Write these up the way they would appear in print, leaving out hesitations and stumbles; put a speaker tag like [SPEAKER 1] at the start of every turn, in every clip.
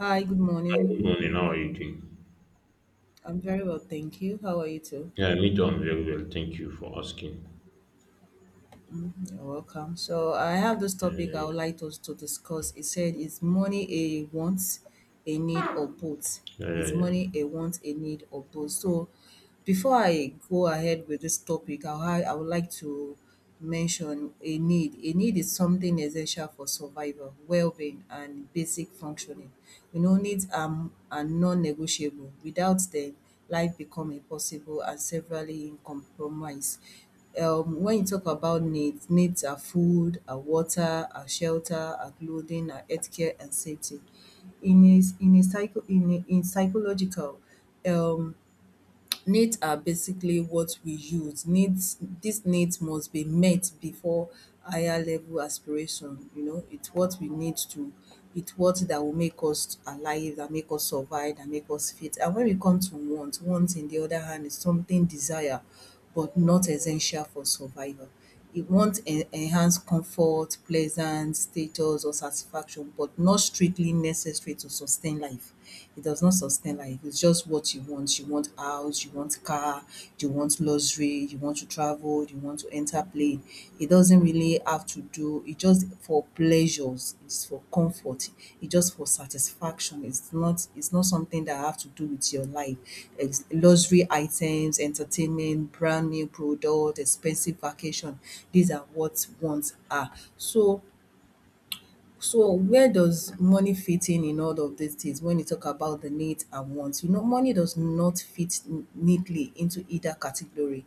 [SPEAKER 1] Hi, good
[SPEAKER 2] Good
[SPEAKER 1] morning.
[SPEAKER 2] morning. How are you doing?
[SPEAKER 1] I'm very well, thank you. How are you too?
[SPEAKER 2] Yeah, me too. I'm very well. Thank you for asking.
[SPEAKER 1] You're welcome. So I have this
[SPEAKER 2] Yeah,
[SPEAKER 1] topic
[SPEAKER 2] yeah,
[SPEAKER 1] I would
[SPEAKER 2] yeah,
[SPEAKER 1] like us to discuss. It said, is money a want, a need, or both?
[SPEAKER 2] yeah, yeah.
[SPEAKER 1] Is money
[SPEAKER 2] yeah.
[SPEAKER 1] a want, a need, or both? So before I go ahead with this topic, I would like to mention a need. A need is something essential for survival, well-being, and basic functioning. You know, needs are non-negotiable. Without them, life become impossible and severely in compromise. When you talk about needs, needs are food, are water, are shelter, are clothing, are healthcare and safety. In a psycho in a in psychological um needs are basically what we use. Needs these needs must be met before higher level aspiration. You know, it's what we need to it's what that will make us alive, that make us survive, that make us fit. And when we come to want in the other hand is something desire but not essential for survival. It wants enhanced comfort, pleasant status, or satisfaction, but not strictly necessary to sustain life. It does not sustain life. It's just what you want. You want house, you want car, you want luxury, you want to travel, you want to enter plane. It doesn't really have to do, it's just for pleasures, it's for comfort, it's just for satisfaction. It's not something that have to do with your life. It's luxury items, entertainment, brand new product, expensive vacation. These are what ones are. So so where does money fit in all of these things when you talk about the needs and wants? You know, money does not fit neatly into either category,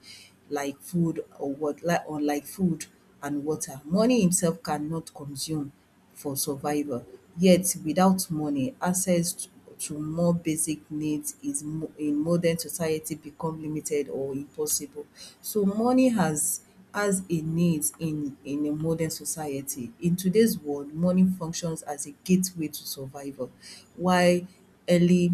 [SPEAKER 1] like food or what, like food and water. Money himself cannot consume for survival. Yet, without money, access to more basic needs is in modern society become limited or impossible. So money has a need in a modern society. In today's world, money functions as a gateway to survival, while early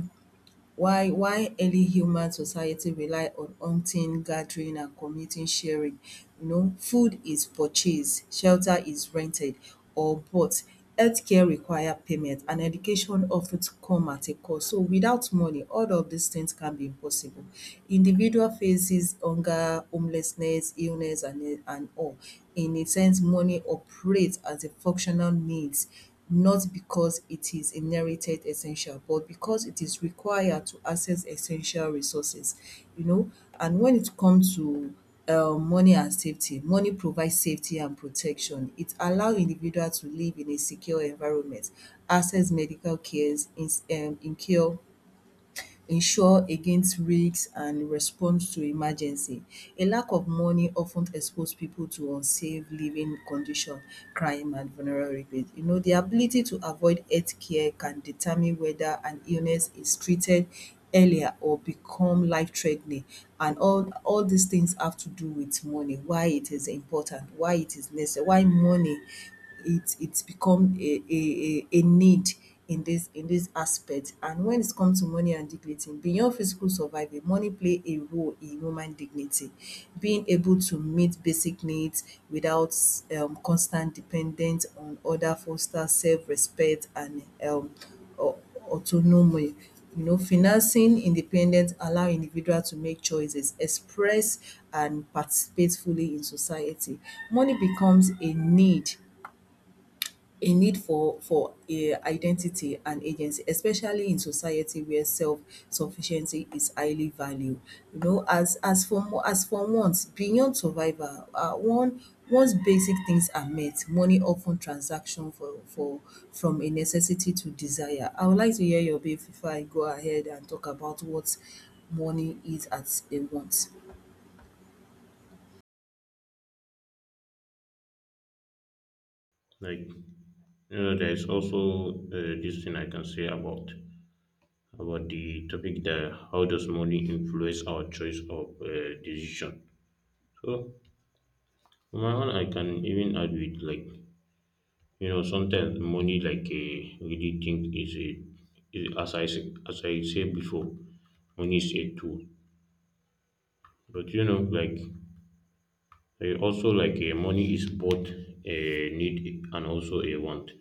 [SPEAKER 1] why? Why early human society rely on hunting, gathering and community sharing? You know, food is purchased, shelter is rented or bought, healthcare require payment and education of ten come at a cost. So without money all of these things can be impossible. Individual faces hunger, homelessness, illness and all. In a sense, money operates as a functional needs, not because it is inherited essential, but because it is required to access essential resources. You know, and when it comes to money and safety, money provides safety and protection. It allow individual to live in a secure environment, access medical cares, in cure, ensure against risks and response to emergency. A lack of money of ten expose people to unsafe living condition, crime and vulnerability. You know, the ability to avoid health care can determine whether an illness is treated earlier or become life threa ten ing. And all these things have to do with money, why it is important, why it is necessary, why money it become a need in this aspect. And when it comes to money and dignity, beyond physical survival money play a role in human dignity, being able to meet basic needs without constant dependent on other, foster self-respect and um au- autonomy. You know, financing independence allow individual to make choices, express and participate fully in society. Money becomes a need, a need for a identity and agency, especially in society where self sufficiency is highly valued. You know, as for once beyond survival, one once basic things are met, money often transaction for from a necessity to desire. I would like to hear your bit before I go ahead and talk about what money is as a want.
[SPEAKER 2] Like, there is also this thing I can say about the topic that how does money influence our choice of decision. So, for my one, I can even add with like, sometimes money like a really think is a is, as I said before, money is a tool. But you know, like also like money is both a need and also a want,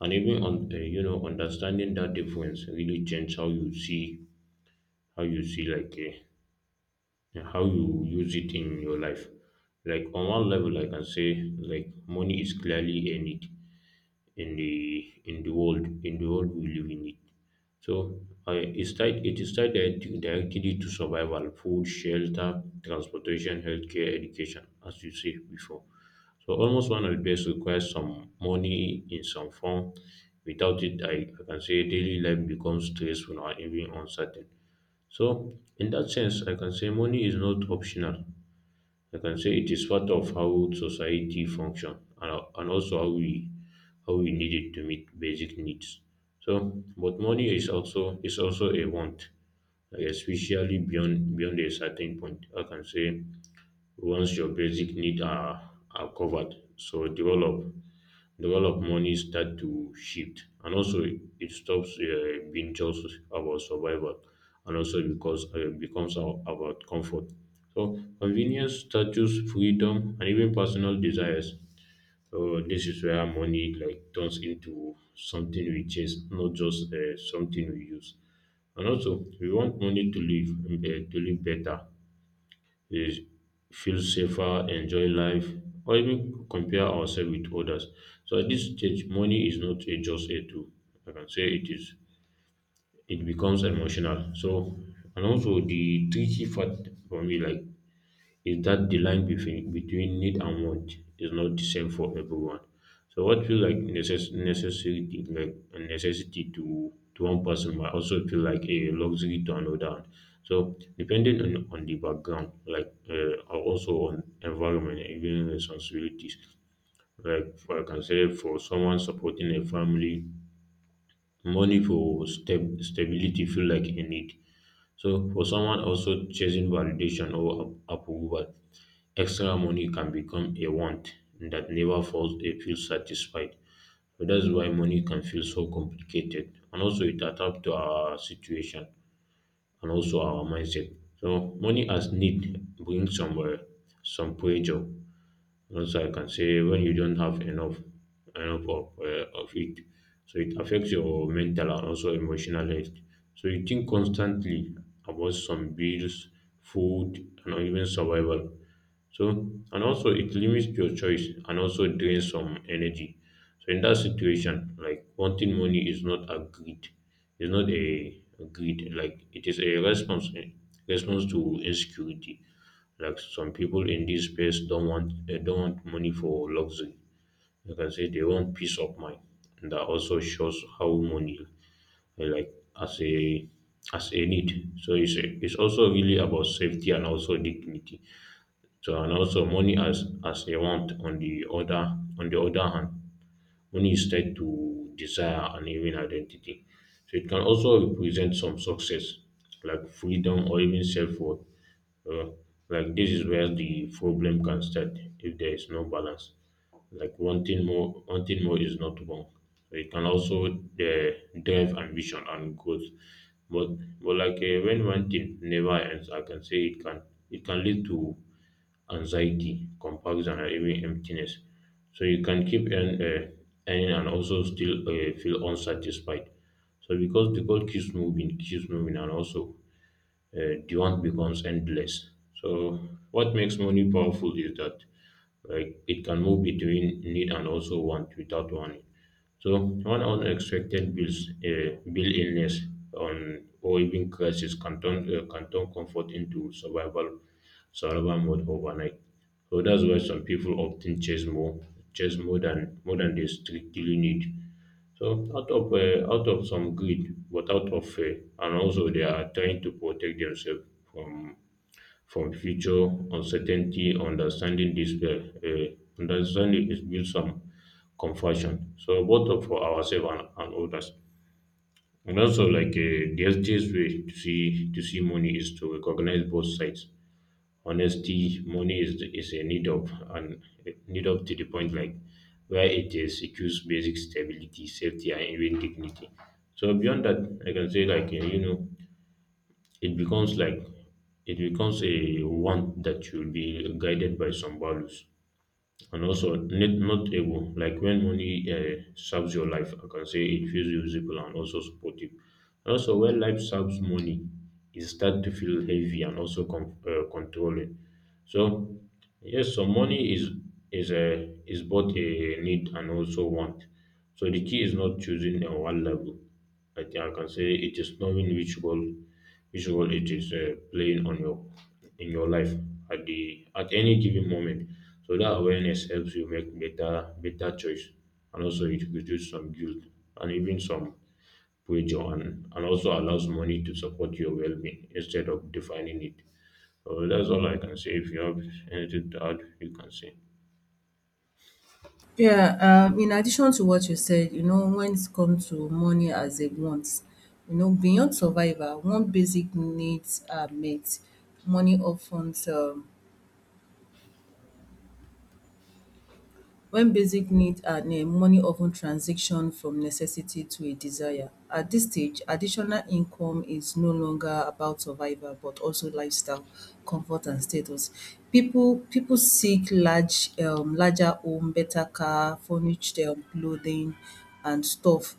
[SPEAKER 2] and even on you know understanding that difference really change how you see like how you use it in your life. Like on one level I can say like money is clearly a need in the world, in the world we live in it. So it's tied, it is tied directly to survival, food, shelter, transportation, healthcare, education, as you said before. So almost one of the best requires some money in some form. Without it, I can say daily life becomes stressful or even uncertain. So in that sense, I can say money is not optional. I can say it is part of how society function, and also how we need it to meet basic needs. So, but money is also a want, like especially beyond a certain point. I can say once your basic needs are covered, so develop the world of money start to shift, and also it stops being just about survival, and also because becomes about comfort, so convenience, status, freedom, and even personal desires. So this is where money like turns into something we chase, not just something we use, and also we want money to live, to live better. We feel safer, enjoy life, or even compare ourselves with others. So at this stage, money is not a, just a tool. I can say it is. It becomes emotional. So, and also the tricky part for me, like is that the line between need and want is not the same for everyone. So what feel like necessity, like a necessity to one person might also feel like a luxury to another one. So depending on the background, like also on environment, and even responsibilities. Like for, I can say for someone supporting a family, money for stability feel like a need. So for someone also chasing validation or approval, extra money can become a want that never falls a feel satisfied. So that's why money can feel so complicated. And also it adapts to our situation and also our mindset. So money as need brings some pressure. Also, I can say when you don't have enough of it, so it affects your mental and also emotional health. So you think constantly about some bills, food, and even survival. So and also it limits your choice and also drains some energy. So in that situation, like wanting money is not a greed, it's not a greed. Like it is a response, response to insecurity. Like some people in this space don't want, they don't want money for luxury. You can say they want peace of mind. And that also shows how money, like as a as a need. So it's a, it's also really about safety and also dignity. So and also money as a want on the other hand, money is tied to desire and even identity. So it can also represent some success, like freedom or even self worth. Uh, like this is where the problem can start if there is no balance. Like wanting more is not wrong. So it can also drive ambition and growth. But like when one thing never ends, I can say it can lead to anxiety, comparison, and even emptiness. So you can keep earning and also still feel unsatisfied. So because the goal keeps moving, and also demand becomes endless. So, what makes money powerful is that like it can move between need and also want without warning. So, one unexpected bill, illness, on or even crisis can turn comfort into survival, survival mode overnight. So that's why some people often chase more, chase more than they strictly need. So out of some greed, but out of fear, and also they are trying to protect themselves from from future uncertainty. Understanding is build some compassion. So both of for ourselves, and others. And also, like the healthiest way to see money is to recognize both sides. Honesty, money is a need of and a need up to the point, like where it is secures basic stability, safety, and even dignity. So beyond that, I can say like it becomes like it becomes a want that should be guided by some values, and also not, not able. Like when money serves your life, I can say it feels usable and also supportive. Also when life serves money, it starts to feel heavy and also controlling. So yes, some money is a is both a need and also want. So the key is not choosing a one level. I think I can say it is knowing which role it is playing on your in your life at the at any given moment. So that awareness helps you make better better choice, and also it reduces some guilt and even some pressure, and also allows money to support your well being instead of defining it. So that's all I can say. If you have anything to add, you can say.
[SPEAKER 1] Yeah, in addition to what you said, you know, when it comes to money as a want, you know, beyond survival, one basic needs are met. Money when basic needs are met, money often transition from necessity to a desire. At this stage, additional income is no longer about survival, but also lifestyle, comfort, and status. People seek large, larger home, better car, furnished clothing, and stuff.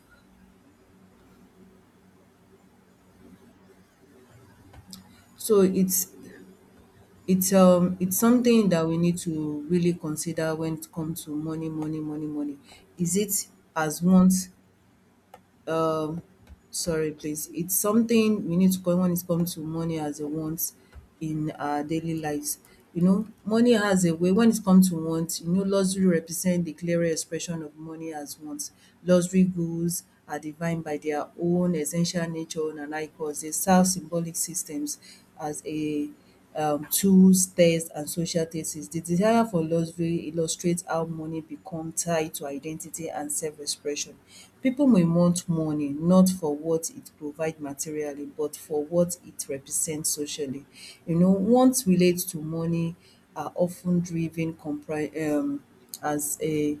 [SPEAKER 1] So it's it's something that we need to really consider when it comes to money, money. Is it as once um sorry please. It's something we need to when it comes to money as a want in our daily lives. You know, money has a way when it comes to want, you know, luxury represent the clearer expression of money as wants. Luxury goods are defined by their own essential nature and icons. They serve symbolic systems as a tools, text and social thesis. The desire for luxury illustrates how money becomes tied to identity and self-expression. People may want money not for what it provides materially but for what it represents socially. You know, wants relate to money are often driven compri as a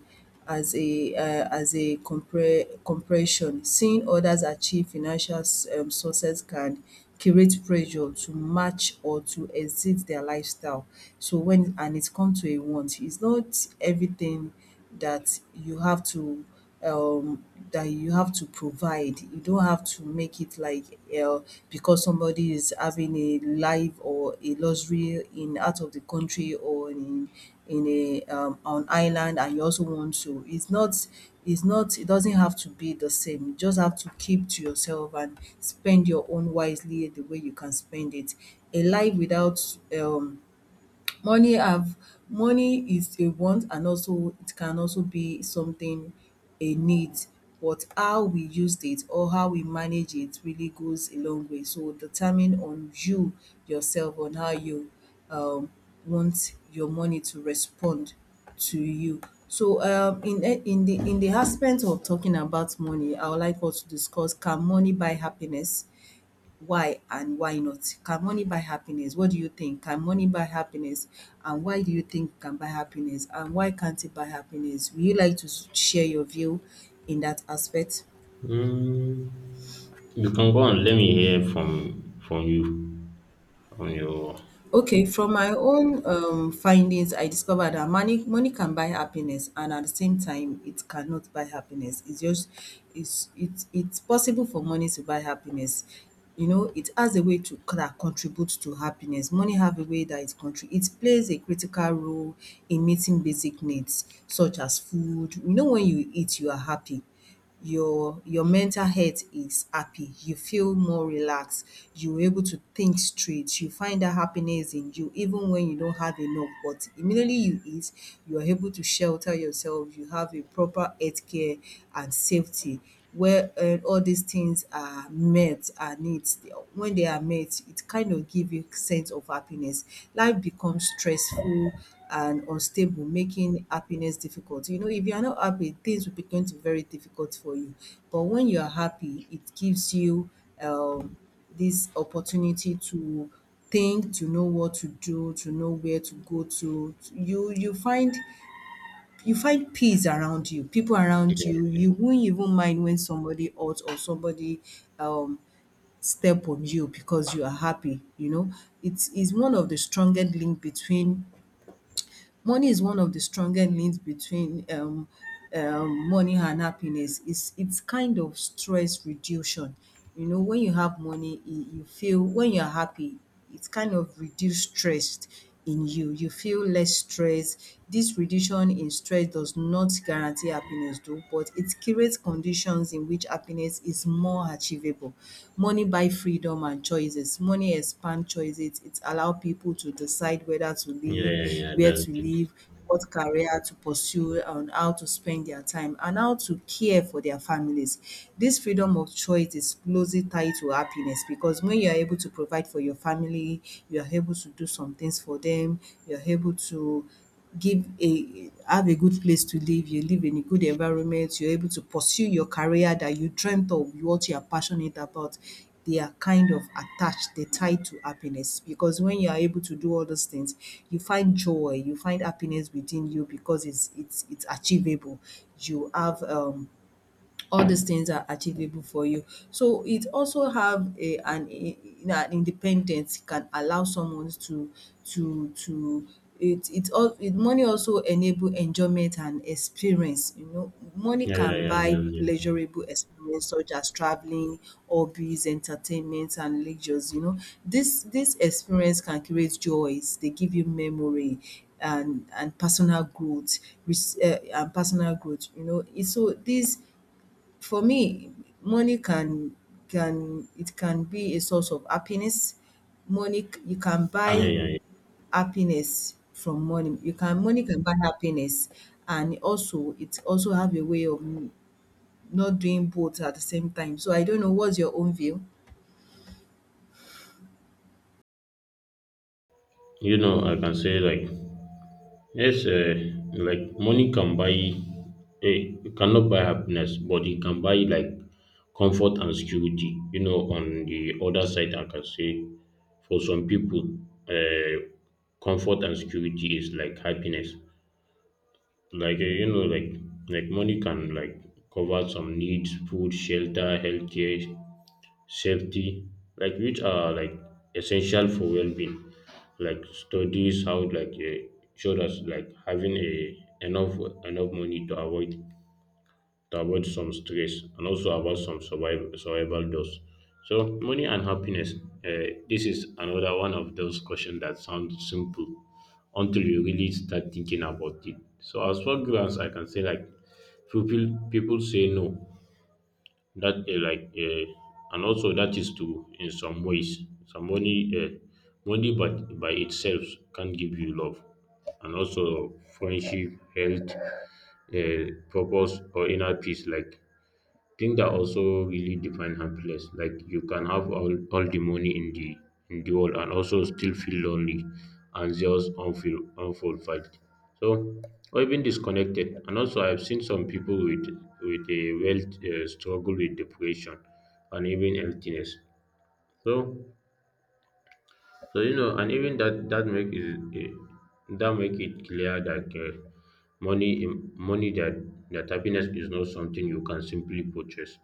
[SPEAKER 1] as a as a compare compression. Seeing others achieve financial success can create pressure to match or to exceed their lifestyle. So when and it comes to a want, it's not everything that you have to um provide. You don't have to make it like, uh, because somebody is having a life or a luxury in out of the country or in a on island and you also want to. It's not, it doesn't have to be the same. You just have to keep to yourself and spend your own wisely the way you can spend it. A life without money have, money is a want and also it can also be something a need. But how we used it or how we manage it really goes a long way, so determine on you yourself on how you um want your money to respond to you. So in a in the aspect of talking about money, I would like us to discuss, can money buy happiness? Why and why not? Can money buy happiness? What do you think? Can money buy happiness? And why do you think it can buy happiness? And why can't it buy happiness? Would you like to share your view in that aspect?
[SPEAKER 2] Mm, you can go on. Let me hear from you, from your.
[SPEAKER 1] Okay, from my own findings, I discovered that money can buy happiness, and at the same time, it cannot buy happiness. It's just it's possible for money to buy happiness. You know, it has a way that contribute to happiness. Money have a way that it contribute. It plays a critical role in meeting basic needs such as food. You know, when you eat, you are happy, your mental health is happy, you feel more relaxed, you were able to think straight, you find that happiness in you even when you don't have enough. But immediately you eat, you are able to shelter yourself, you have a proper health care and safety, where all these things are met, are needs. When they are met, it kind of give you sense of happiness. Life becomes stressful and unstable, making happiness difficult. You know, if you are not happy, things will be going to be very difficult for you. But when you are happy, it gives you um, this opportunity to think, to know what to do, to know where to go to. You find you find peace around you, people around
[SPEAKER 2] Yeah,
[SPEAKER 1] you.
[SPEAKER 2] yeah,
[SPEAKER 1] You won't even mind when somebody hurts or somebody um step on you because you are happy, you know. It is one of the strongest link between money, is one of the strongest links between money and happiness. It's kind of stress reduction. You know, when you have money, you feel when you're happy, it's kind of reduce stress in you. You feel less stress. This reduction in stress does not guarantee happiness, though, but it creates conditions in which happiness success is more achievable. Money buy freedom and choices. Money expand choices. It allow people to decide whether to live,
[SPEAKER 2] yeah, yeah,
[SPEAKER 1] where
[SPEAKER 2] that's
[SPEAKER 1] to
[SPEAKER 2] it.
[SPEAKER 1] live, what career to pursue, and how to spend their time, and how to care for their families. This freedom of choice is closely tied to happiness, because when you are able to provide for your family, you are able to do some things for them, you are able to give a have a good place to live, you live in a good environment, you're able to pursue your career that you dreamt of, what you are passionate about. They are kind of attached, they tied to happiness. Because when you are able to do all those things, you find joy, you find happiness within you because it's achievable. You have all these things are achievable for you. So it also have a an independence. It can allow someone to to to it it all it money also enable enjoyment and experience. You know, money
[SPEAKER 2] Yeah, yeah,
[SPEAKER 1] can
[SPEAKER 2] yeah,
[SPEAKER 1] buy
[SPEAKER 2] that's it.
[SPEAKER 1] pleasurable experience such as traveling, hobbies, entertainment and leisures. This experience can create joys, they give you memory and personal growth. Res- eh, and personal growth you know It- so this For me, money can be a source of happiness. You can
[SPEAKER 2] Yeah,
[SPEAKER 1] buy
[SPEAKER 2] yeah, yeah.
[SPEAKER 1] happiness from money. You can Money can buy happiness, and also it also have a way of not doing both at the same time. So I don't know what's your own view.
[SPEAKER 2] You know, I can say like yes, like money can buy, you cannot buy happiness, but it can buy like comfort and security. You know, on the other side, I can say for some people, uh, comfort and security is like happiness. Like like money can like cover some needs, food, shelter, healthcare, safety, like which are like essential for well-being, like studies how like showed us like having a enough enough money to avoid some stress, and also about some survival, survival dose. So money and happiness, this is another one of those questions that sound simple until you really start thinking about it. So as far as I can say, like few people people say no that like and also that is to in some ways. Some money money but by itself can give you love and also friendship, health, purpose, or inner peace, like think that also really define happiness. Like you can have all the money in the world and also still feel lonely, anxious, unfulfilled. So or even disconnected. And also I've seen some people with a wealth struggle with depression and even emptiness. So so you know, and even that that make it clear that money that happiness is not something you can simply purchase,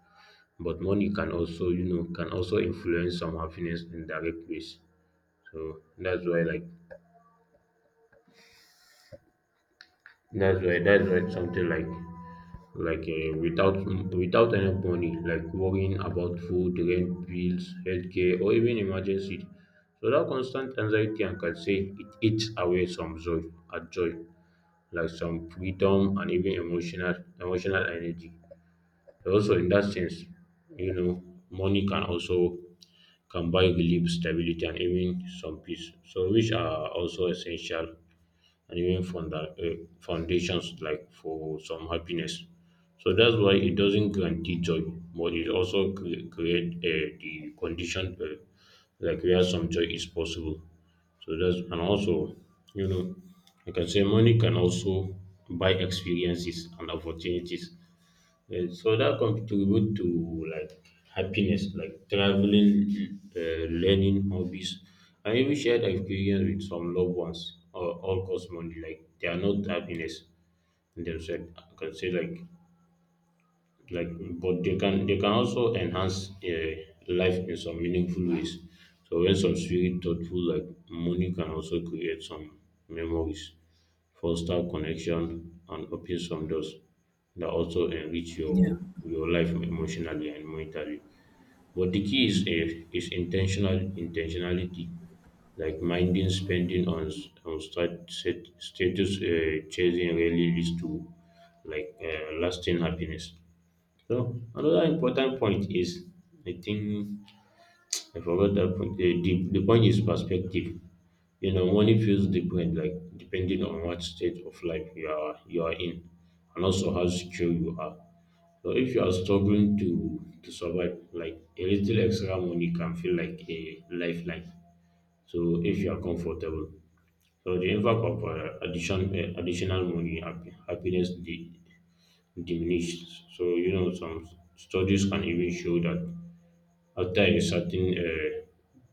[SPEAKER 2] but money can also you know can also influence some happiness in direct ways. So that's why like that's why something like without without any money, like worrying about food, rent, bills, healthcare, or even emergency. So that constant anxiety and can say it eats away some joy, at joy. Like some freedom and even emotional emotional energy. Also, in that sense, you know, money can also can buy relief, stability, and even some peace. So, which are also essential and even foundations like for some happiness. So that's why it doesn't guarantee joy, but it also create the condition, like where some joy is possible. So that's, and also, you know, like I can say money can also buy experiences and opportunities, yes, so that contribute to like happiness, like traveling, learning, hobbies, and even shared experience with some loved ones. Or all cause money, like they are not happiness in themselves. I can say like but they can also enhance life in some meaningful ways. So when some spirit thoughtful, like money can also create some memories, foster connection, and open some doors that also enrich
[SPEAKER 1] Yeah,
[SPEAKER 2] your life emotionally and mentally. But the key is intentionality, like minding spending on, status chasing, really leads to like lasting happiness. So another important point is, I think, I forgot that point. The point is perspective. You know, money feels different, like depending on what state of life you are in, and also how secure you are. So if you are struggling to survive, like a little extra money can feel like a lifeline. So if you are comfortable, so the impact of additional money, happiness de- diminished. So you know, some studies can even show that after a certain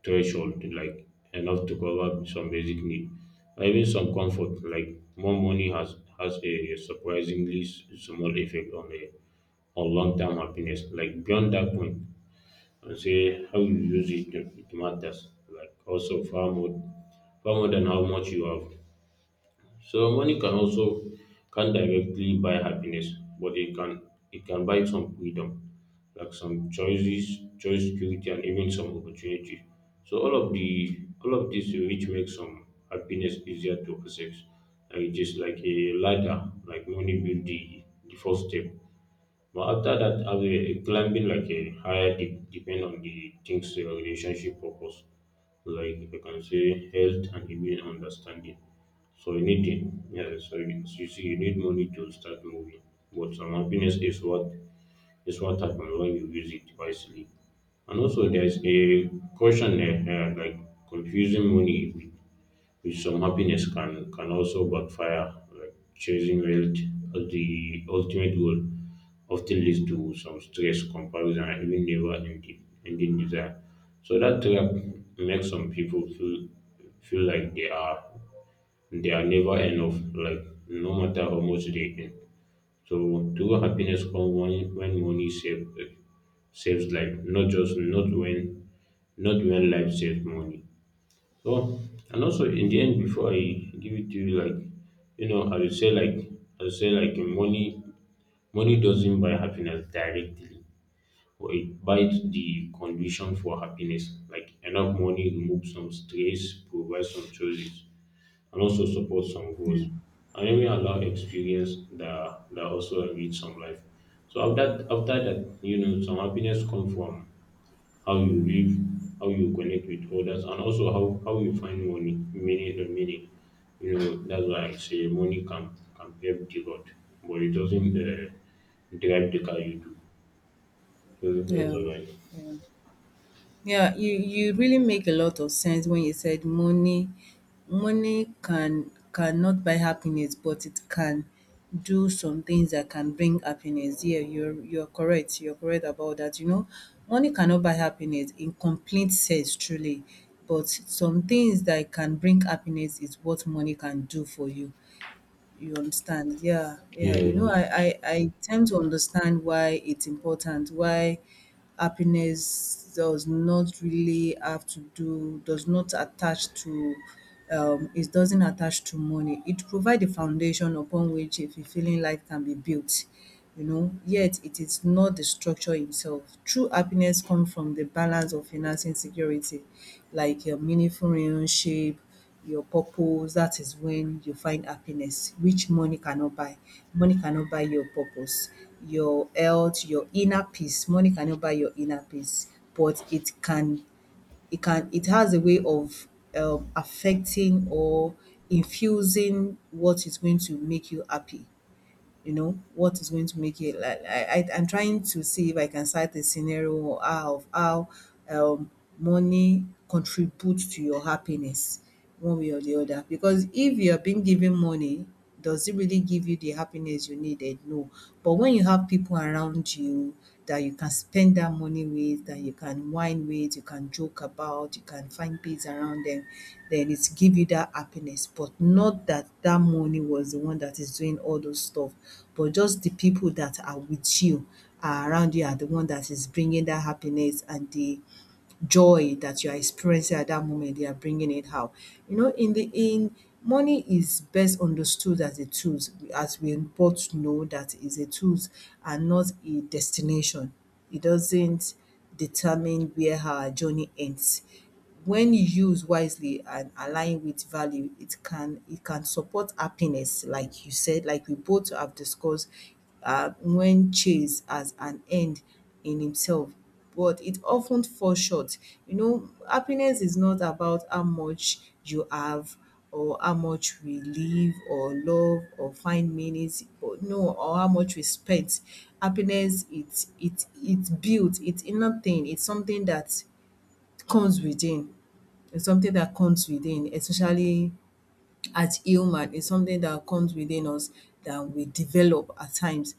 [SPEAKER 2] threshold, like enough to cover some basic need, or even some comfort, like more money has a surprisingly small effect on a on long term happiness. Like beyond that point, and say how you use it, it matters. Like also far more than how much you have. So money can also can directly buy happiness, but it can buy some freedom, like some choices, choice security, and even some opportunity. So all of this which makes some happiness easier to access, and it is like a ladder, like money build the first step, but after that, I'll be climbing like a higher depend on the things your relationship purpose, like you can say health and even understanding. So you need it. Yeah, so you see, you need money to start moving. But some happiness is what happens when you use it wisely. And also, there's a caution there, like confusing money which some happiness can also backfire. Like chasing wealth as the ultimate goal often leads to some stress, comparison, and even never-ending ending desire. So that trap makes some people feel like they are never enough, like no matter how much they earn. So true happiness comes when saves life, not when life saves money. So, and also in the end, before I give it to you, like you know, I would say like money doesn't buy happiness directly, but it buys the condition for happiness. Like enough money removes some stress, provides some choices, and also supports some goals. And even allow experience that also enrich some life. So after that, you know, some happiness come from how you live, how you connect with others, and also how you find money, meaning. You know, that's why I say money can pave the road, but it doesn't drive the car, you do. So that's
[SPEAKER 1] yeah,
[SPEAKER 2] all right.
[SPEAKER 1] yeah. Yeah, you really make a lot of sense when you said money can cannot buy happiness, but it can do some things that can bring happiness. Yeah, you're correct. You're correct about that. You know, money cannot buy happiness in complete sense, truly. But some things that can bring happiness is what money can do for you. You understand? Yeah,
[SPEAKER 2] Yeah,
[SPEAKER 1] yeah. You know, I,
[SPEAKER 2] yeah,
[SPEAKER 1] I, I tend to understand why it's important, why happiness does not really have to do, does not attach to, it doesn't attach to money. It provides a foundation upon which a fulfilling life can be built. You know, yet it is not the structure itself. True happiness comes from the balance of financing security, like a meaningful relationship, your purpose, that is when you find happiness, which money cannot buy. Money cannot buy your purpose, your health, your inner peace. Money cannot buy your inner peace, but it can it can it has a way of affecting or infusing what is going to make you happy. You know, what is going to make it like, I'm trying to see if I can cite a scenario of how um money contributes to your happiness one way or the other. Because if you're being given money, does it really give you the happiness you needed? No, but when you have people around you, people that you can spend that money with, that you can whine with, you can joke about, you can find peace around them, then it's give you that happiness. But not that that money was the one that is doing all those stuff, but just the people that are with you, are around you are the one that is bringing that happiness and the joy that you are experiencing at that moment, they are bringing it out. You know, in the in money is best understood as a tool, as we both know that is a tool and not a destination. It doesn't determine where our journey ends. When used wisely and aligned with value, it can support happiness, like you said, like we both have discussed, when chased as an end in itself. But it often falls short. You know, happiness is not about how much you have or how much we live or love or find meanings or no or how much we spend. Happiness, it's built, it's inner thing, it's something that comes within. It's something that comes within, especially as human is something that comes within us that we develop at times,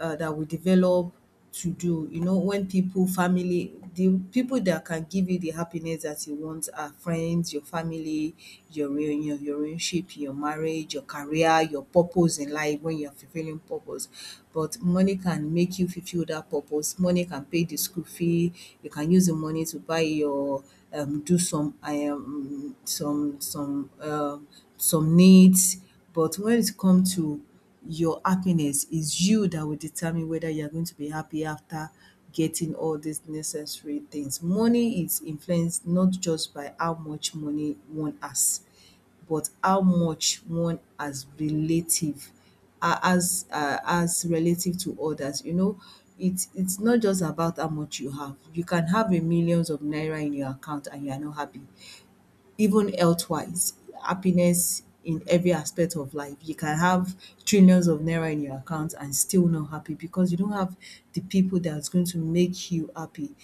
[SPEAKER 1] that we develop to do. You know, when people family, the people that can give you the happiness that you want are friends, your family, your relationship, your marriage, your career, your purpose in life, when you're fulfilling purpose. But money can make you fulfill that purpose. Money can pay the school fee. You can use the money to buy your, do some some needs. But when it comes to your happiness, is you that will determine whether you're going to be happy after getting all these necessary things. Money is influenced not just by how much money one has, but how much one as relative, as relative to others. You know, it's not just about how much you have. You can have a millions of naira in your account and you are not happy. Even elsewise, happiness in every aspect of life. You can have trillions of naira in your account and still not happy because you don't have the people that's going to make you happy.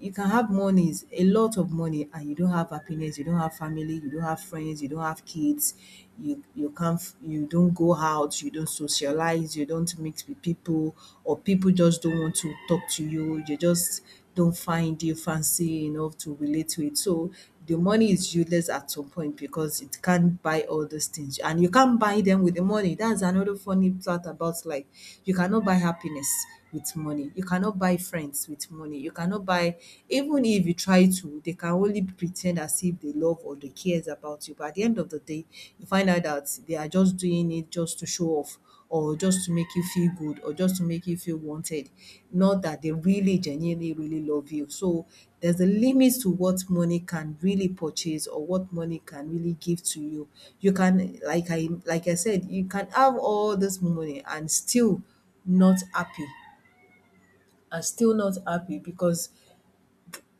[SPEAKER 1] You can have monies, a lot of money, and you don't have happiness, you don't have family, you don't have friends, you don't have kids, you can't f- you don't go out, you don't socialize, you don't mix with people, or people just don't want to talk to you. You just don't find you fancy enough to relate to it. So the money is useless at some point because it can't buy all those things. And you can't buy them with the money. That's another funny part about life. You cannot buy happiness with money. You cannot buy friends with money. You cannot buy, even if you try to, they can only pretend as if they love or they cares about you. But at the end of the day, you find out that they are just doing it just to show off or just to make you feel good or just to make you feel wanted. Not that they really genuinely really love you. So there's a limit to what money can really purchase or what money can really give to you. You can like I said, you can have all this money and still not happy. And still not happy because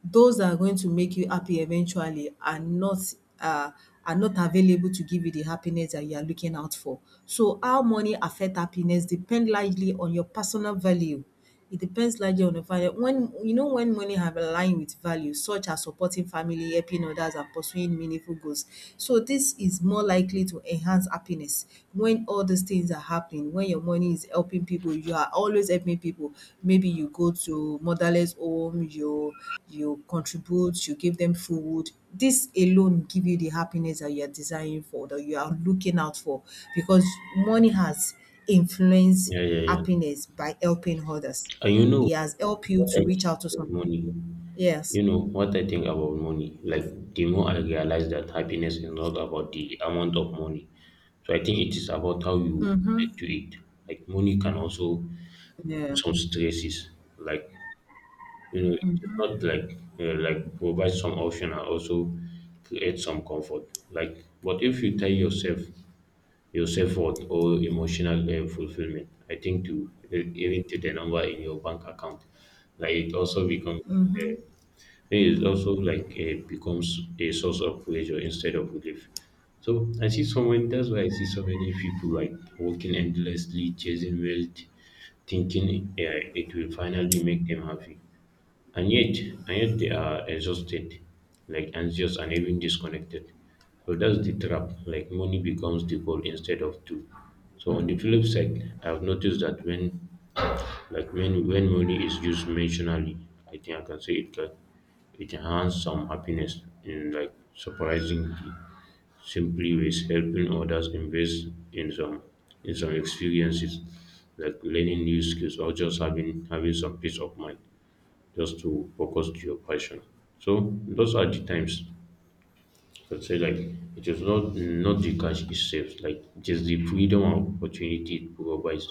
[SPEAKER 1] those that are going to make you happy eventually are not, uh, are not available to give you the happiness that you are looking out for. So how money affect happiness depend largely on your personal value. It depends largely on the value. When you know when money have aligned with values such as supporting family, helping others and pursuing meaningful goals. So this is more likely to enhance happiness. When all these things are happening, when your money is helping people, you are always helping people. Maybe you go to motherless home, you contribute, you give them food. This alone give you the happiness that you are desiring for, that you are looking out for, because money has influenced
[SPEAKER 2] yeah.
[SPEAKER 1] happiness by helping others.
[SPEAKER 2] And you know
[SPEAKER 1] It has helped you
[SPEAKER 2] what
[SPEAKER 1] to
[SPEAKER 2] I
[SPEAKER 1] reach out to
[SPEAKER 2] think about
[SPEAKER 1] some
[SPEAKER 2] money?
[SPEAKER 1] people. Yes.
[SPEAKER 2] You know what I think about money? Like the more I realize that happiness is not about the amount of money. So I think it is about how you
[SPEAKER 1] Mm-hmm.
[SPEAKER 2] relate to it. Like money can also
[SPEAKER 1] Yeah.
[SPEAKER 2] some stresses. Like, you know, it's not like you like provide some option and also create some comfort. Like, but if you tie yourself worth or emotional fulfillment, I think to even to the number in your bank account, like it also becomes
[SPEAKER 1] Mm-hmm.
[SPEAKER 2] it is also like becomes a source of pressure instead of relief. So I see someone. That's why I see so many people like working endlessly, chasing wealth, thinking it will finally make them happy, and yet and yet they are exhausted, like anxious and even disconnected. So that's the trap, like money becomes the goal instead of tool. So on the flip side, I've noticed that when like when money is used mentionally, I think I can say it enhances some happiness in like surprisingly simply ways: helping others, invest in some experiences, like learning new skills, or just having some peace of mind, just to focus to your passion. So those are the times I'd say, like, it is not the cash itself, like it is the freedom and opportunity it provides.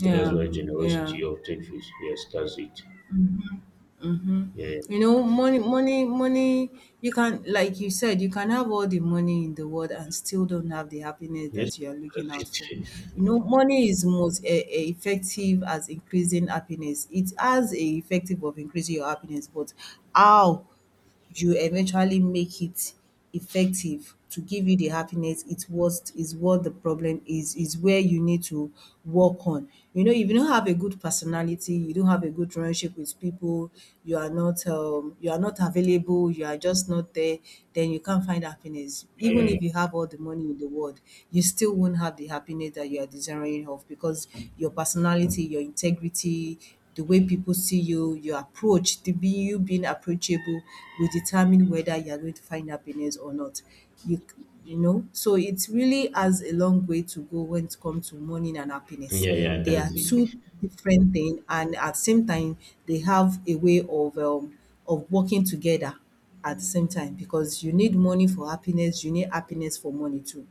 [SPEAKER 2] So that's why
[SPEAKER 1] Yeah.
[SPEAKER 2] generosity often feels, yes, that's it.
[SPEAKER 1] Mm-hmm.
[SPEAKER 2] Yeah, yeah,
[SPEAKER 1] You know, money, you can, like you said, you can have all the money in the world and still don't have the happiness
[SPEAKER 2] yes,
[SPEAKER 1] that you are looking out
[SPEAKER 2] that's
[SPEAKER 1] for.
[SPEAKER 2] it.
[SPEAKER 1] You know, money is most effective as increasing happiness. It has a effective of increasing your happiness, but how? You eventually make it effective to give you the happiness. It's what is what the problem is where you need to work on. You know, if you don't have a good personality, you don't have a good relationship with people, you are not available, you are just not there, then you can't find happiness even
[SPEAKER 2] Yeah,
[SPEAKER 1] if you have all the money in the world. You still won't have the happiness that you are desiring of, because your personality, your integrity, the way people see you, your approach, the be you being approachable will determine whether you're going to find happiness or not. You c- you know, so it really has a long way to go when it comes to money and happiness.
[SPEAKER 2] yeah, yeah, yeah,
[SPEAKER 1] They are
[SPEAKER 2] that's it.
[SPEAKER 1] two different things, and at the same time, they have a way of, of working together at the same time, because you need money for happiness, you need happiness for money too.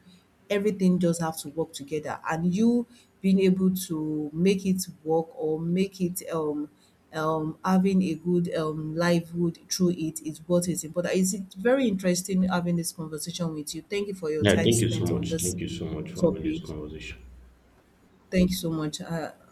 [SPEAKER 1] Everything just have to work together, and you being able to make it work or make it, having a good, livelihood through it is what is important. It's very interesting having this conversation with you. Thank you for your
[SPEAKER 2] Yeah,
[SPEAKER 1] time
[SPEAKER 2] thank you so
[SPEAKER 1] spent on
[SPEAKER 2] much.
[SPEAKER 1] this
[SPEAKER 2] Thank you so much for having
[SPEAKER 1] topic.
[SPEAKER 2] this conversation.
[SPEAKER 1] Thank you so much.